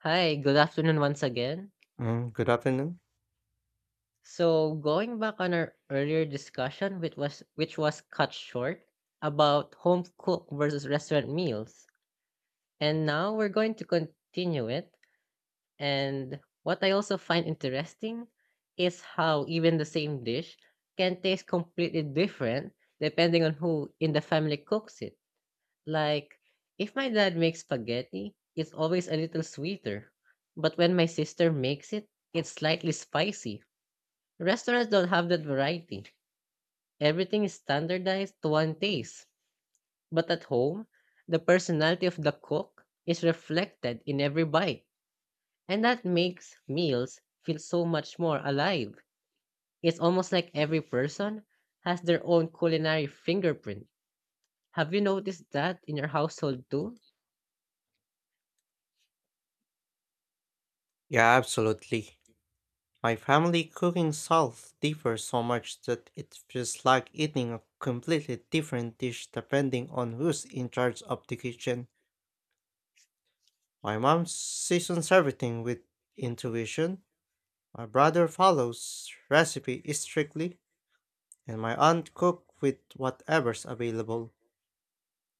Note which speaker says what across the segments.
Speaker 1: Hi, good afternoon once again.
Speaker 2: Mm, good afternoon.
Speaker 1: So, going back on our earlier discussion, which was cut short about home cook versus restaurant meals, and now we're going to continue it. And what I also find interesting is how even the same dish can taste completely different depending on who in the family cooks it. Like, if my dad makes spaghetti, it's always a little sweeter, but when my sister makes it, it's slightly spicy. Restaurants don't have that variety. Everything is standardized to one taste. But at home, the personality of the cook is reflected in every bite. And that makes meals feel so much more alive. It's almost like every person has their own culinary fingerprint. Have you noticed that in your household too?
Speaker 2: Yeah, absolutely. My family cooking style differs so much that it feels like eating a completely different dish depending on who's in charge of the kitchen. My mom seasons everything with intuition. My brother follows recipe strictly, and my aunt cooks with whatever's available.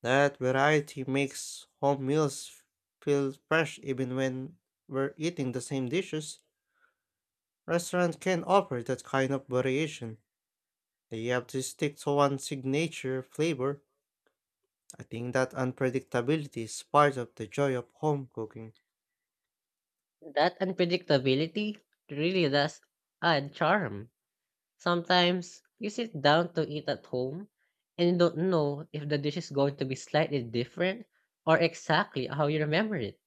Speaker 2: That variety makes home meals feel fresh even when we're eating the same dishes. Restaurants can offer that kind of variation. They have to stick to one signature flavor. I think that unpredictability is part of the joy of home cooking.
Speaker 1: That unpredictability really does add charm. Sometimes you sit down to eat at home and you don't know if the dish is going to be slightly different or exactly how you remember it.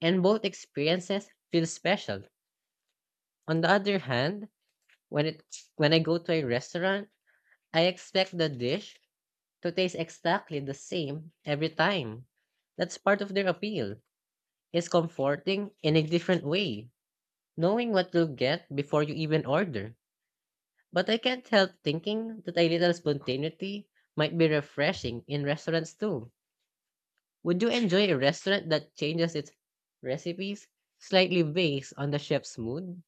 Speaker 1: And both experiences feel special. On the other hand, when it when I go to a restaurant, I expect the dish to taste exactly the same every time. That's part of their appeal. It's comforting in a different way, knowing what you'll get before you even order. But I can't help thinking that a little spontaneity might be refreshing in restaurants too. Would you enjoy a restaurant that changes its recipes slightly based on the chef's mood?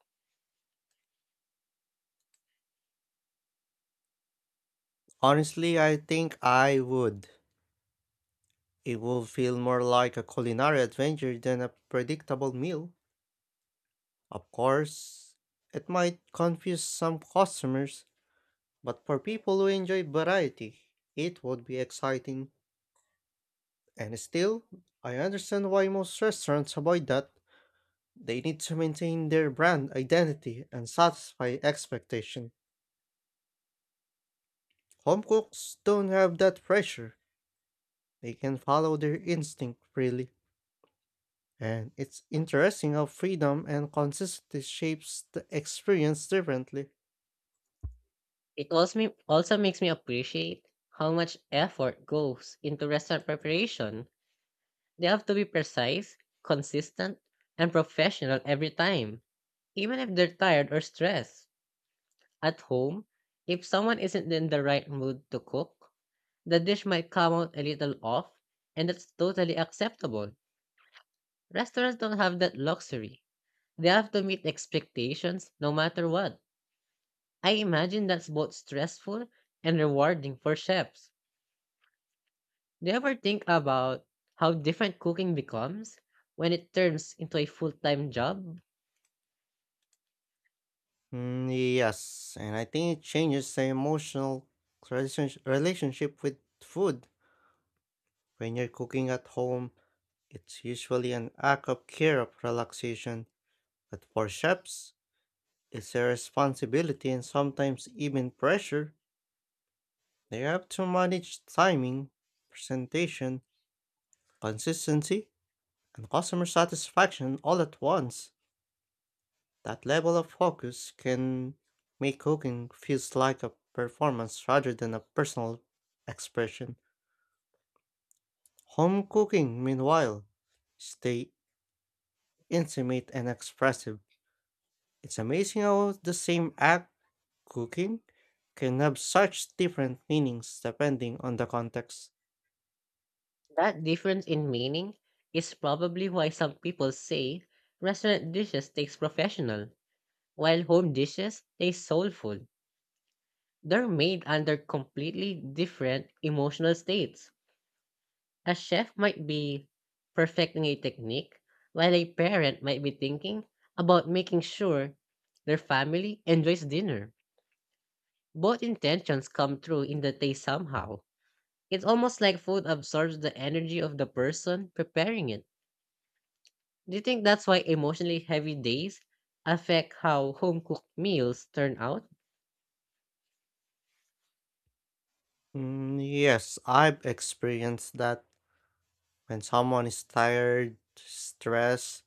Speaker 2: Honestly, I think I would. It would feel more like a culinary adventure than a predictable meal. Of course, it might confuse some customers, but for people who enjoy variety, it would be exciting. And still, I understand why most restaurants avoid that. They need to maintain their brand identity and satisfy expectation. Home cooks don't have that pressure. They can follow their instinct freely. And it's interesting how freedom and consistency shapes the experience differently.
Speaker 1: Also makes me appreciate how much effort goes into restaurant preparation. They have to be precise, consistent, and professional every time, even if they're tired or stressed. At home, if someone isn't in the right mood to cook, the dish might come out a little off, and that's totally acceptable. Restaurants don't have that luxury. They have to meet expectations no matter what. I imagine that's both stressful and rewarding for chefs. Do you ever think about how different cooking becomes when it turns into a full time job?
Speaker 2: Mm, yes, and I think it changes the emotional relationship with food. When you're cooking at home, it's usually an act of care of relaxation. But for chefs, it's a responsibility and sometimes even pressure. They have to manage timing, presentation, consistency, and customer satisfaction all at once. That level of focus can make cooking feels like a performance rather than a personal expression. Home cooking, meanwhile, stay intimate and expressive. It's amazing how the same act, cooking, can have such different meanings depending on the context.
Speaker 1: That difference in meaning is probably why some people say restaurant dishes taste professional, while home dishes taste soulful. They're made under completely different emotional states. A chef might be perfecting a technique, while a parent might be thinking about making sure their family enjoys dinner. Both intentions come through in the taste somehow. It's almost like food absorbs the energy of the person preparing it. Do you think that's why emotionally heavy days affect how home cooked meals turn out?
Speaker 2: Mm, yes, I've experienced that. When someone is tired, stressed,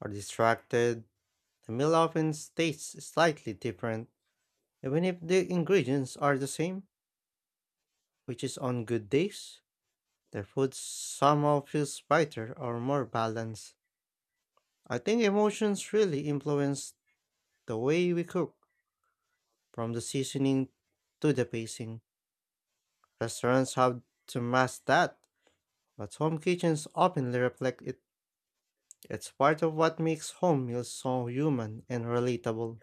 Speaker 2: or distracted, the meal often tastes slightly different, even if the ingredients are the same, which is on good days. The food somehow feels brighter or more balanced. I think emotions really influence the way we cook, from the seasoning to the pacing. Restaurants have to mask that, but home kitchens openly reflect it. It's part of what makes home meals so human and relatable.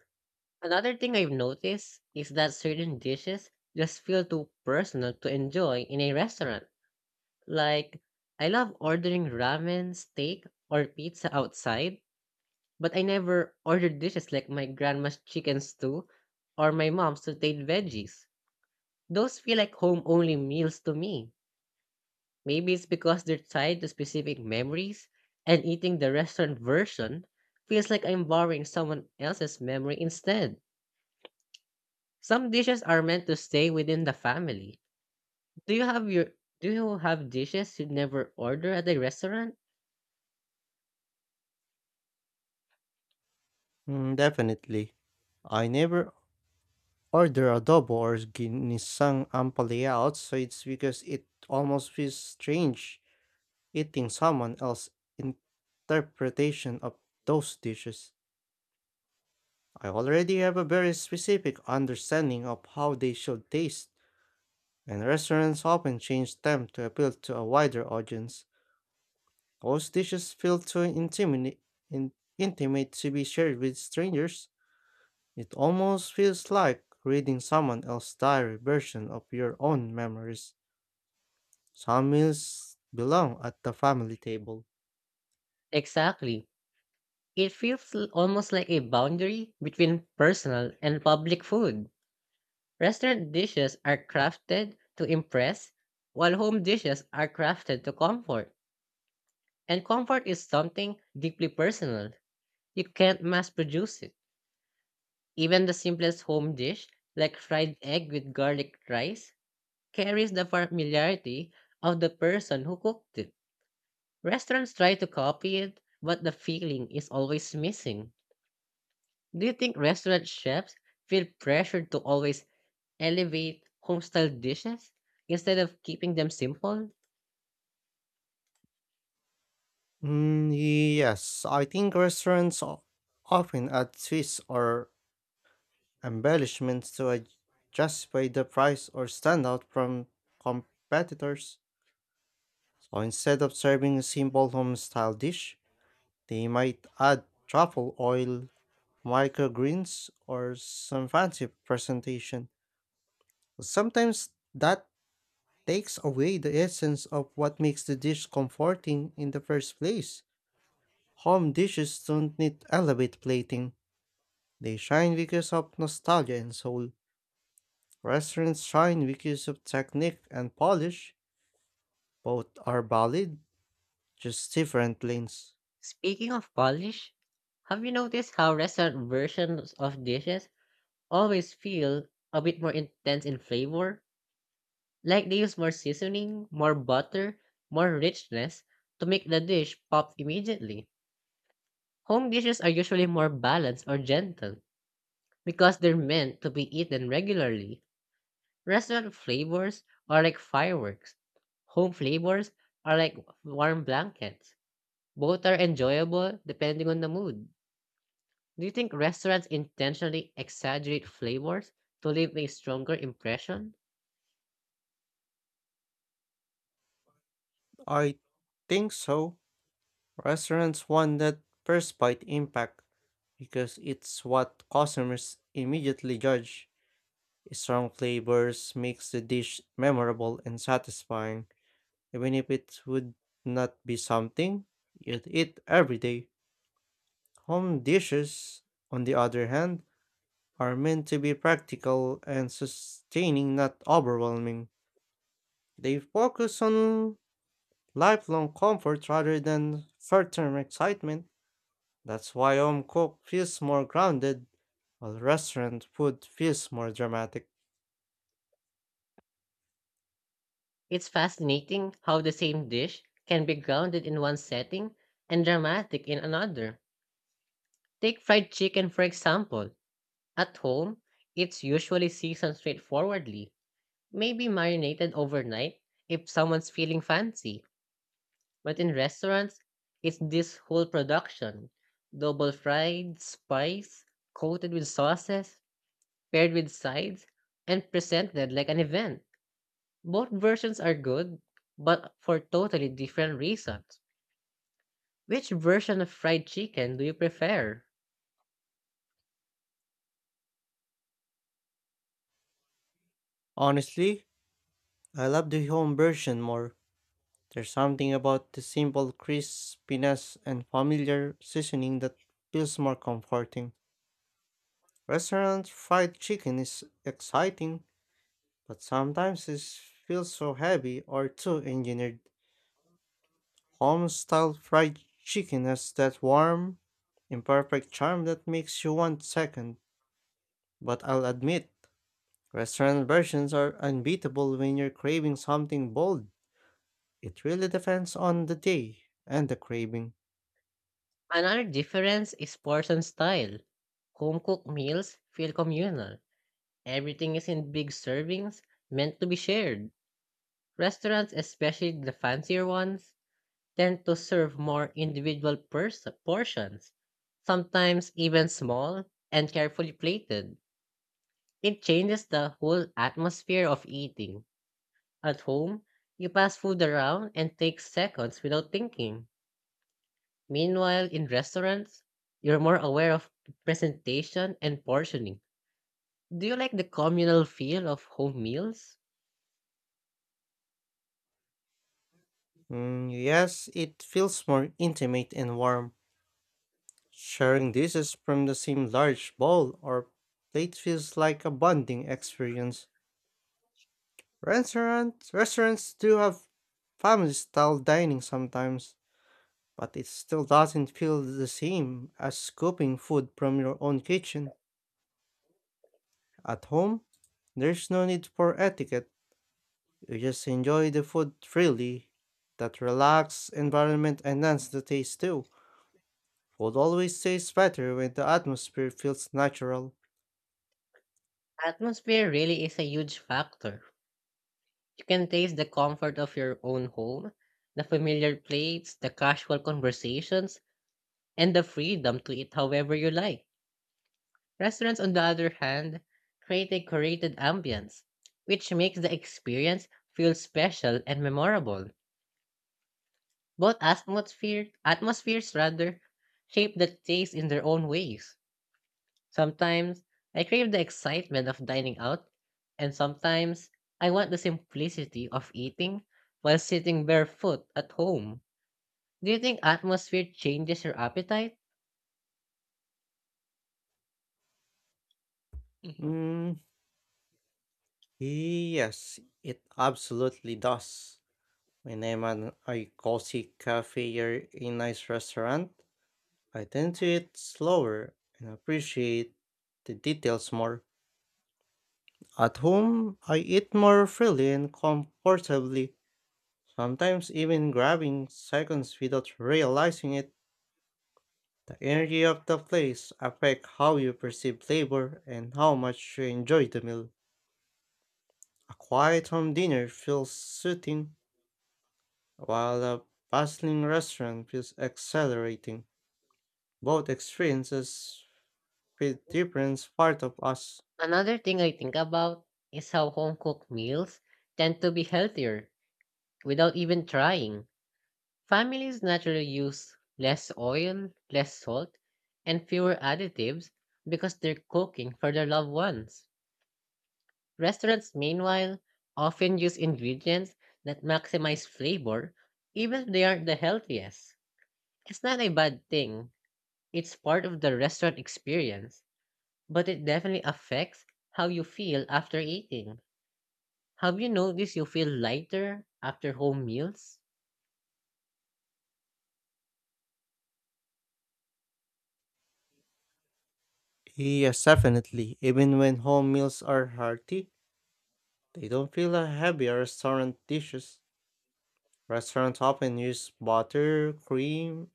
Speaker 1: Another thing I've noticed is that certain dishes just feel too personal to enjoy in a restaurant. Like, I love ordering ramen, steak, or pizza outside, but I never order dishes like my grandma's chicken stew or my mom's sauteed veggies. Those feel like home only meals to me. Maybe it's because they're tied to specific memories, and eating the restaurant version feels like I'm borrowing someone else's memory instead. Some dishes are meant to stay within the family. Do you have your do you have dishes you never order at the restaurant?
Speaker 2: Mm, definitely. I never order adobo or ginisang ampalaya outside because it almost feels strange eating someone else's interpretation of those dishes. I already have a very specific understanding of how they should taste, and restaurants often change them to appeal to a wider audience. Most dishes feel too intimate, in, intimate to be shared with strangers. It almost feels like reading someone else's diary version of your own memories. Some meals belong at the family table.
Speaker 1: Exactly. It feels almost like a boundary between personal and public food. Restaurant dishes are crafted to impress, while home dishes are crafted to comfort. And comfort is something deeply personal. You can't mass produce it. Even the simplest home dish, like fried egg with garlic rice, carries the familiarity of the person who cooked it. Restaurants try to copy it, but the feeling is always missing. Do you think restaurant chefs feel pressured to always elevate homestyle dishes instead of keeping them simple?
Speaker 2: Mm, yes, I think restaurants often add twists or embellishments to justify the price or stand out from competitors. So instead of serving a simple home style dish, they might add truffle oil, microgreens, or some fancy presentation. Sometimes that takes away the essence of what makes the dish comforting in the first place. Home dishes don't need elevate plating. They shine because of nostalgia and soul. Restaurants shine because of technique and polish. Both are valid, just different lanes.
Speaker 1: Speaking of polish, have you noticed how restaurant versions of dishes always feel a bit more intense in flavor? Like they use more seasoning, more butter, more richness to make the dish pop immediately. Home dishes are usually more balanced or gentle because they're meant to be eaten regularly. Restaurant flavors are like fireworks. Home flavors are like warm blankets. Both are enjoyable depending on the mood. Do you think restaurants intentionally exaggerate flavors to leave a stronger impression?
Speaker 2: I think so. Restaurants want that first bite impact because it's what customers immediately judge. Strong flavors makes the dish memorable and satisfying, even if it would not be something you'd eat every day. Home dishes, on the other hand, are meant to be practical and sustaining, not overwhelming. They focus on lifelong comfort rather than short-term excitement. That's why home cooked feels more grounded, while restaurant food feels more dramatic.
Speaker 1: It's fascinating how the same dish can be grounded in one setting and dramatic in another. Take fried chicken, for example. At home, it's usually seasoned straightforwardly, maybe marinated overnight if someone's feeling fancy. But in restaurants, it's this whole production: double fried, spiced, coated with sauces, paired with sides, and presented like an event. Both versions are good, but for totally different reasons. Which version of fried chicken do you prefer?
Speaker 2: Honestly, I love the home version more. There's something about the simple crispiness and familiar seasoning that feels more comforting. Restaurant fried chicken is exciting, but sometimes it feels so heavy or too engineered. Home style fried chicken has that warm, imperfect charm that makes you want second. But I'll admit, restaurant versions are unbeatable when you're craving something bold. It really depends on the day and the craving.
Speaker 1: Another difference is portion style. Home cooked meals feel communal. Everything is in big servings meant to be shared. Restaurants, especially the fancier ones, tend to serve more individual portions, sometimes even small and carefully plated. It changes the whole atmosphere of eating. At home, you pass food around and take seconds without thinking. Meanwhile, in restaurants, you're more aware of presentation and portioning. Do you like the communal feel of home meals?
Speaker 2: Mm, yes, it feels more intimate and warm. Sharing dishes from the same large bowl or plate feels like a bonding experience. Restaurants do have family style dining sometimes, but it still doesn't feel the same as scooping food from your own kitchen. At home, there's no need for etiquette. You just enjoy the food freely. That relaxed environment enhances the taste too. Food always tastes better when the atmosphere feels natural.
Speaker 1: Atmosphere really is a huge factor. You can taste the comfort of your own home, the familiar plates, the casual conversations, and the freedom to eat however you like. Restaurants, on the other hand, create a curated ambience, which makes the experience feel special and memorable. Both atmospheres rather, shape the taste in their own ways. Sometimes I crave the excitement of dining out, and sometimes I want the simplicity of eating while sitting barefoot at home. Do you think atmosphere changes your appetite? Mm.
Speaker 2: Mm, yes, it absolutely does. When I'm at a cozy cafe or a nice restaurant, I tend to eat slower and appreciate the details more. At home, I eat more freely and comfortably, sometimes even grabbing seconds without realizing it. The energy of the place affects how you perceive flavor and how much you enjoy the meal. A quiet home dinner feels soothing, while a bustling restaurant feels exhilarating. Both experiences fit different parts of us.
Speaker 1: Another thing I think about is how home cooked meals tend to be healthier without even trying. Families naturally use less oil, less salt, and fewer additives because they're cooking for their loved ones. Restaurants, meanwhile, often use ingredients that maximize flavor even if they aren't the healthiest. It's not a bad thing, it's part of the restaurant experience, but it definitely affects how you feel after eating. Have you noticed you feel lighter after home meals?
Speaker 2: Yes, definitely. Even when home meals are hearty, they don't feel as heavy as restaurant dishes. Restaurants often use butter, cream,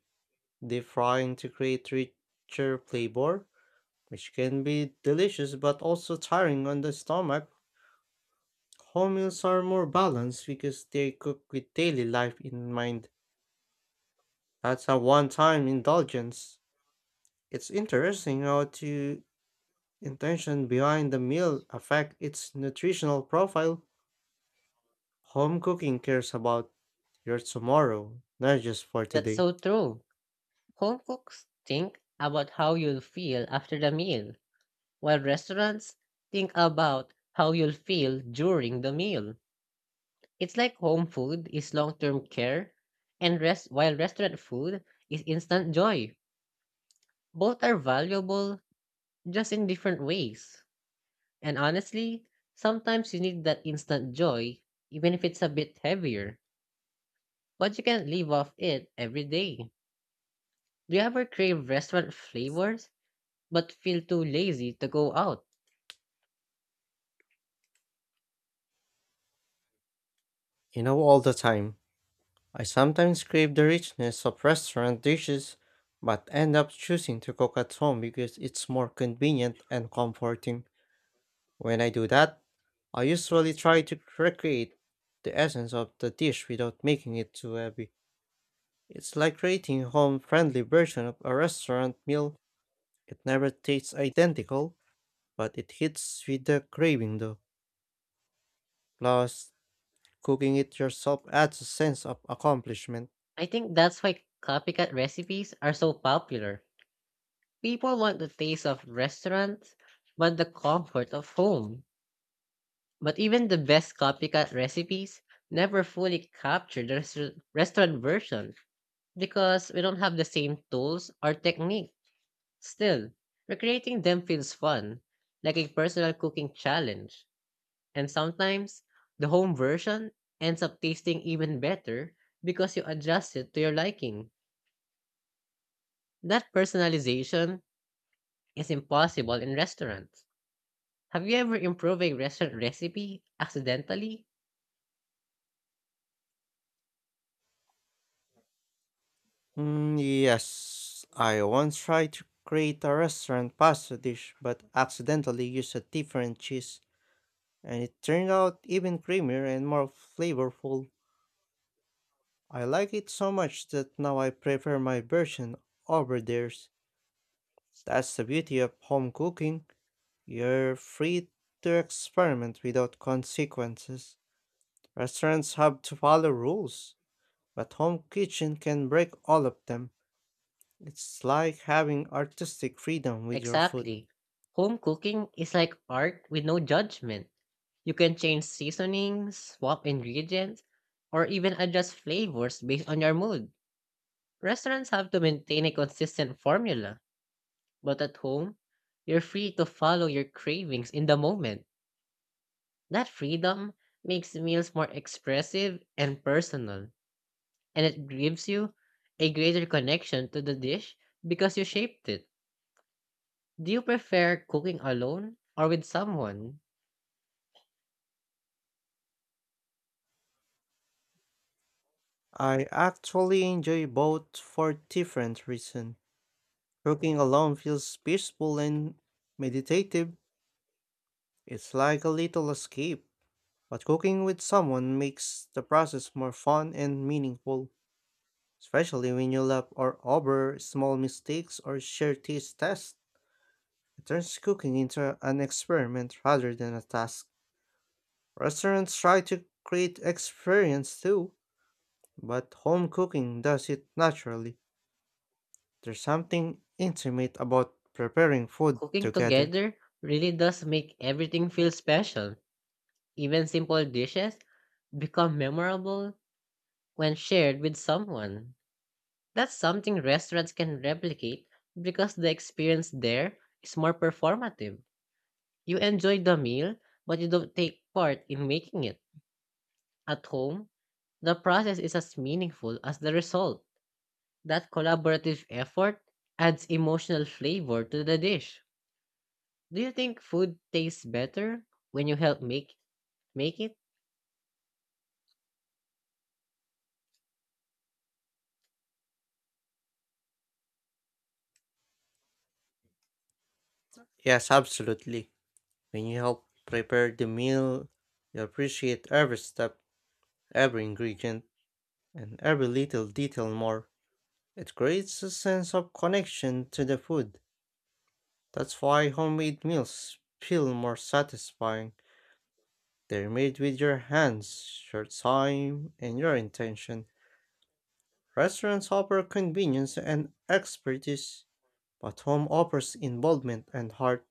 Speaker 2: deep frying to create richer flavor which can be delicious but also tiring on the stomach. Home meals are more balanced because they cook with daily life in mind. That's a one time indulgence. It's interesting how to intention behind the meal affect its nutritional profile. Home cooking cares about your tomorrow, not just for
Speaker 1: That's
Speaker 2: today.
Speaker 1: so true. Home cooks think about how you'll feel after the meal, while restaurants think about how you'll feel during the meal. It's like home food is long-term care and rest while restaurant food is instant joy. Both are valuable just in different ways. And honestly, sometimes you need that instant joy even if it's a bit heavier, but you can't live off it every day. Do you ever crave restaurant flavors but feel too lazy to go out?
Speaker 2: You know all the time. I sometimes crave the richness of restaurant dishes, but end up choosing to cook at home because it's more convenient and comforting. When I do that, I usually try to recreate the essence of the dish without making it too heavy. It's like creating a home-friendly version of a restaurant meal. It never tastes identical, but it hits with the craving though. Plus, cooking it yourself adds a sense of accomplishment.
Speaker 1: I think that's why copycat recipes are so popular. People want the taste of restaurants but the comfort of home. But even the best copycat recipes never fully capture the restaurant version because we don't have the same tools or technique. Still, recreating them feels fun, like a personal cooking challenge. And sometimes, the home version ends up tasting even better because you adjust it to your liking. That personalization is impossible in restaurants. Have you ever improved a restaurant recipe accidentally?
Speaker 2: Mm, yes, I once tried to create a restaurant pasta dish but accidentally used a different cheese, and it turned out even creamier and more flavorful. I like it so much that now I prefer my version over theirs. That's the beauty of home cooking. You're free to experiment without consequences. Restaurants have to follow rules, but home kitchen can break all of them. It's like having artistic freedom with your food.
Speaker 1: Exactly. Home cooking is like art with no judgment. You can change seasonings, swap ingredients, or even adjust flavors based on your mood. Restaurants have to maintain a consistent formula, but at home, you're free to follow your cravings in the moment. That freedom makes meals more expressive and personal, and it gives you a greater connection to the dish because you shaped it. Do you prefer cooking alone or with someone?
Speaker 2: I actually enjoy both for different reasons. Cooking alone feels peaceful and meditative. It's like a little escape. But cooking with someone makes the process more fun and meaningful, especially when you laugh or over small mistakes or share taste tests. It turns cooking into an experiment rather than a task. Restaurants try to create experience too, but home cooking does it naturally. There's something intimate about preparing food
Speaker 1: Cooking
Speaker 2: together.
Speaker 1: together really does make everything feel special. Even simple dishes become memorable when shared with someone. That's something restaurants can replicate because the experience there is more performative. You enjoy the meal, but you don't take part in making it. At home, the process is as meaningful as the result. That collaborative effort adds emotional flavor to the dish. Do you think food tastes better when you help make it?
Speaker 2: Yes, absolutely. When you help prepare the meal, you appreciate every step, every ingredient, and every little detail more. It creates a sense of connection to the food. That's why homemade meals feel more satisfying. They're made with your hands, your time, and your intention. Restaurants offer convenience and expertise, but home offers involvement and heart.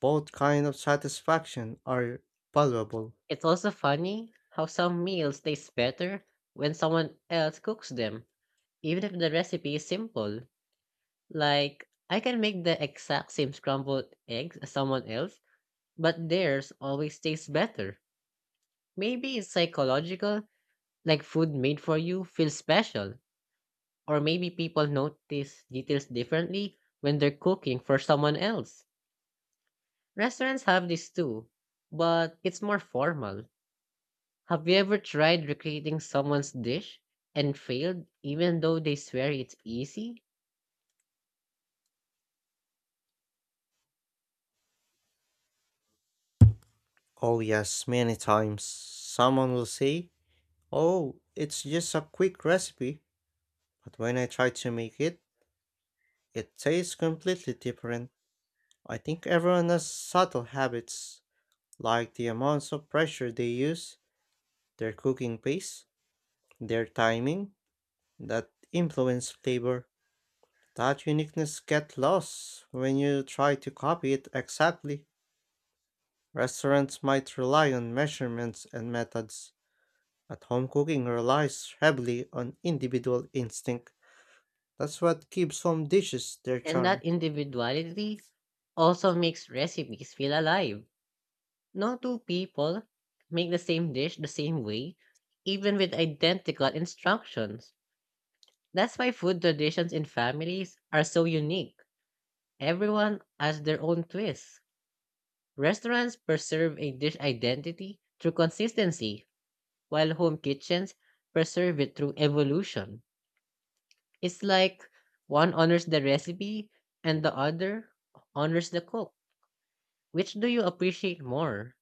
Speaker 2: Both kind of satisfaction are valuable.
Speaker 1: It's also funny how some meals taste better when someone else cooks them, even if the recipe is simple. Like I can make the exact same scrambled eggs as someone else, but theirs always tastes better. Maybe it's psychological, like food made for you feels special, or maybe people notice details differently when they're cooking for someone else. Restaurants have this too, but it's more formal. Have you ever tried recreating someone's dish and failed, even though they swear it's easy?
Speaker 2: Oh yes, many times someone will say, "Oh, it's just a quick recipe," but when I try to make it, it tastes completely different. I think everyone has subtle habits, like the amounts of pressure they use, their cooking pace, their timing, that influence flavor. That uniqueness gets lost when you try to copy it exactly. Restaurants might rely on measurements and methods, but home cooking relies heavily on individual instinct. That's what gives home dishes their
Speaker 1: And that
Speaker 2: charm.
Speaker 1: individuality also makes recipes feel alive. No two people make the same dish the same way, even with identical instructions. That's why food traditions in families are so unique. Everyone has their own twist. Restaurants preserve a dish identity through consistency, while home kitchens preserve it through evolution. It's like one honors the recipe and the other honors the cook. Which do you appreciate more?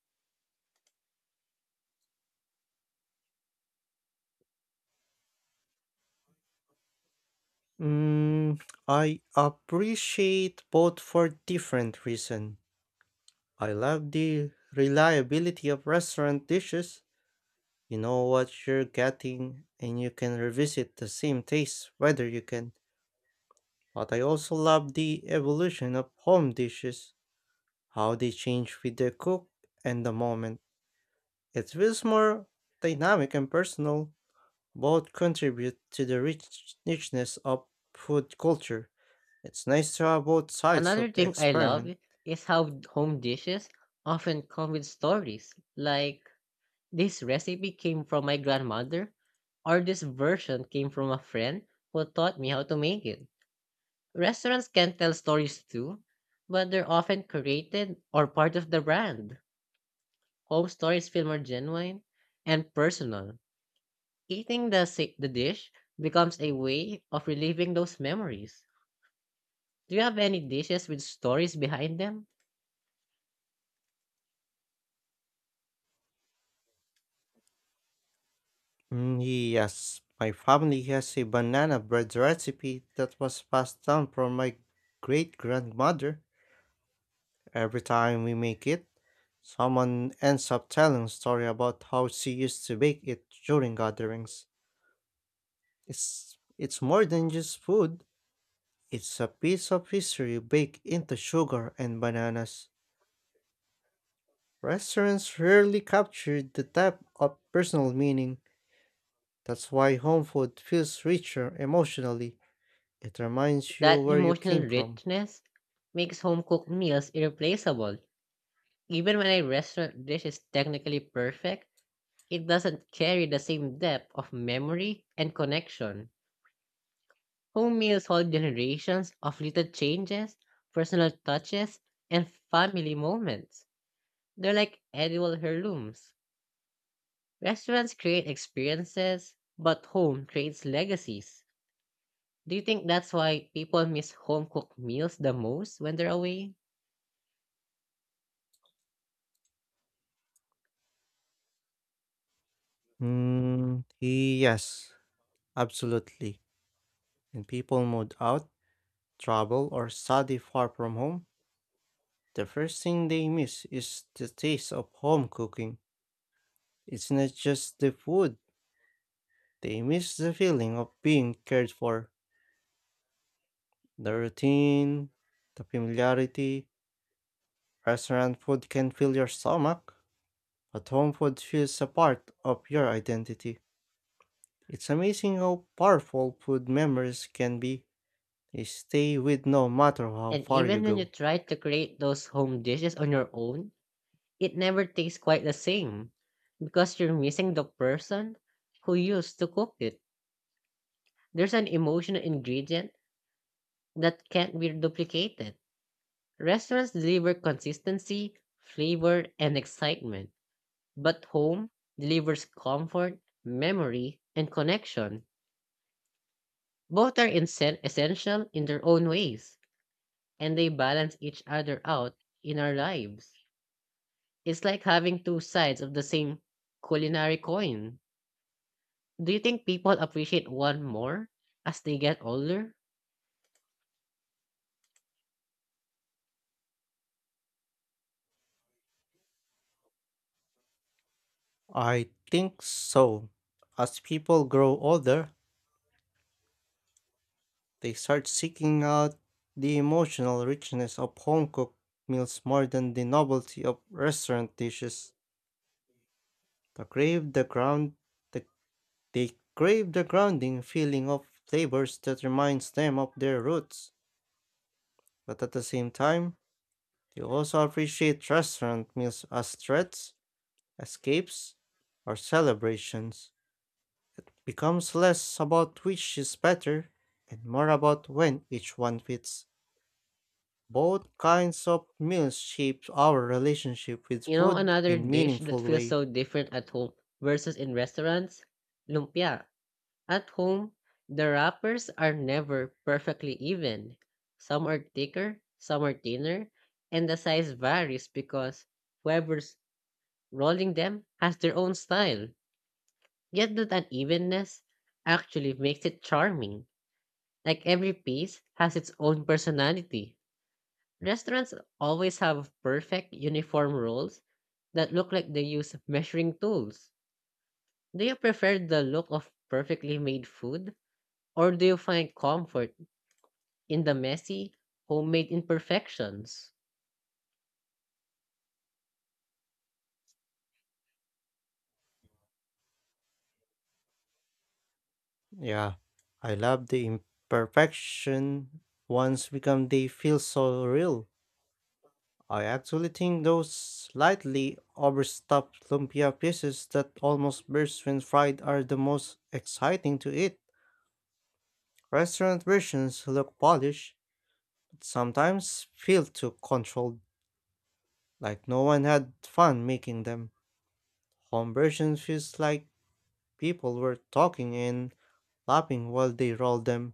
Speaker 2: Mm, I appreciate both for different reasons. I love the reliability of restaurant dishes. You know what you're getting, and you can revisit the same taste whether you can. But I also love the evolution of home dishes. How they change with the cook and the moment. It feels more dynamic and personal. Both contribute to the richness of food culture. It's nice to have both sides
Speaker 1: Another
Speaker 2: of the
Speaker 1: thing I love
Speaker 2: experiment.
Speaker 1: is how home dishes often come with stories, like this recipe came from my grandmother, or this version came from a friend who taught me how to make it. Restaurants can tell stories too, but they're often created or part of the brand. Home stories feel more genuine and personal. Eating the dish becomes a way of reliving those memories. Do you have any dishes with stories behind them?
Speaker 2: Mm, yes, my family has a banana bread recipe that was passed down from my great grandmother. Every time we make it, someone ends up telling a story about how she used to bake it during gatherings. It's more than just food. It's a piece of history baked into sugar and bananas. Restaurants rarely capture the type of personal meaning. That's why home food feels richer emotionally. It reminds you
Speaker 1: That
Speaker 2: where you
Speaker 1: emotional
Speaker 2: came from.
Speaker 1: richness makes home cooked meals irreplaceable. Even when a restaurant dish is technically perfect, it doesn't carry the same depth of memory and connection. Home meals hold generations of little changes, personal touches, and family moments. They're like edible heirlooms. Restaurants create experiences, but home creates legacies. Do you think that's why people miss home cooked meals the most when they're away?
Speaker 2: Mm, yes, absolutely. When people move out, travel, or study far from home, the first thing they miss is the taste of home cooking. It's not just the food. They miss the feeling of being cared for, the routine, the familiarity. Restaurant food can fill your stomach, but home food feels a part of your identity. It's amazing how powerful food memories can be. They stay with no matter how
Speaker 1: And
Speaker 2: far you
Speaker 1: even when you
Speaker 2: go.
Speaker 1: try to create those home dishes on your own, it never tastes quite the same because you're missing the person who used to cook it. There's an emotional ingredient that can't be duplicated. Restaurants deliver consistency, flavor, and excitement. But home delivers comfort, memory, and connection. Both are essential in their own ways, and they balance each other out in our lives. It's like having two sides of the same culinary coin. Do you think people appreciate one more as they get older?
Speaker 2: I think so. As people grow older, they start seeking out the emotional richness of home cooked meals more than the novelty of restaurant dishes. The crave the ground the, they crave the grounding feeling of flavors that reminds them of their roots, but at the same time, they also appreciate restaurant meals as threats, escapes, or celebrations. It becomes less about which is better and more about when each one fits. Both kinds of meals shape our relationship with
Speaker 1: You know,
Speaker 2: food
Speaker 1: another
Speaker 2: in
Speaker 1: dish that
Speaker 2: meaningful
Speaker 1: feels
Speaker 2: way.
Speaker 1: so different at home versus in restaurants? Lumpia. At home, the wrappers are never perfectly even. Some are thicker, some are thinner, and the size varies because whoever's rolling them has their own style. Yet that unevenness actually makes it charming. Like every piece has its own personality. Restaurants always have perfect uniform rolls that look like they use measuring tools. Do you prefer the look of perfectly made food, or do you find comfort in the messy, homemade imperfections?
Speaker 2: Yeah, I love the imperfection once become they feel so real. I actually think those slightly overstuffed lumpia pieces that almost burst when fried are the most exciting to eat. Restaurant versions look polished, but sometimes feel too controlled, like no one had fun making them. Home versions feels like people were talking and laughing while they rolled them.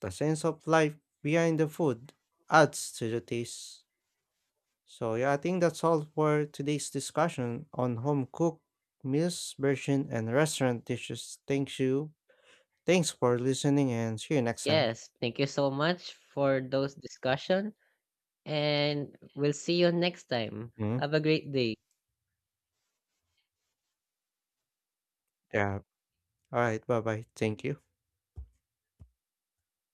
Speaker 2: The sense of life behind the food adds to the taste. So yeah, I think that's all for today's discussion on home cooked meals version and restaurant dishes. Thank you. Thanks for listening and see you next time.
Speaker 1: Yes, thank you so much for those discussion and we'll see you next time.
Speaker 2: Mhm.
Speaker 1: Have a great day.
Speaker 2: Yeah. All right. Bye bye. Thank you.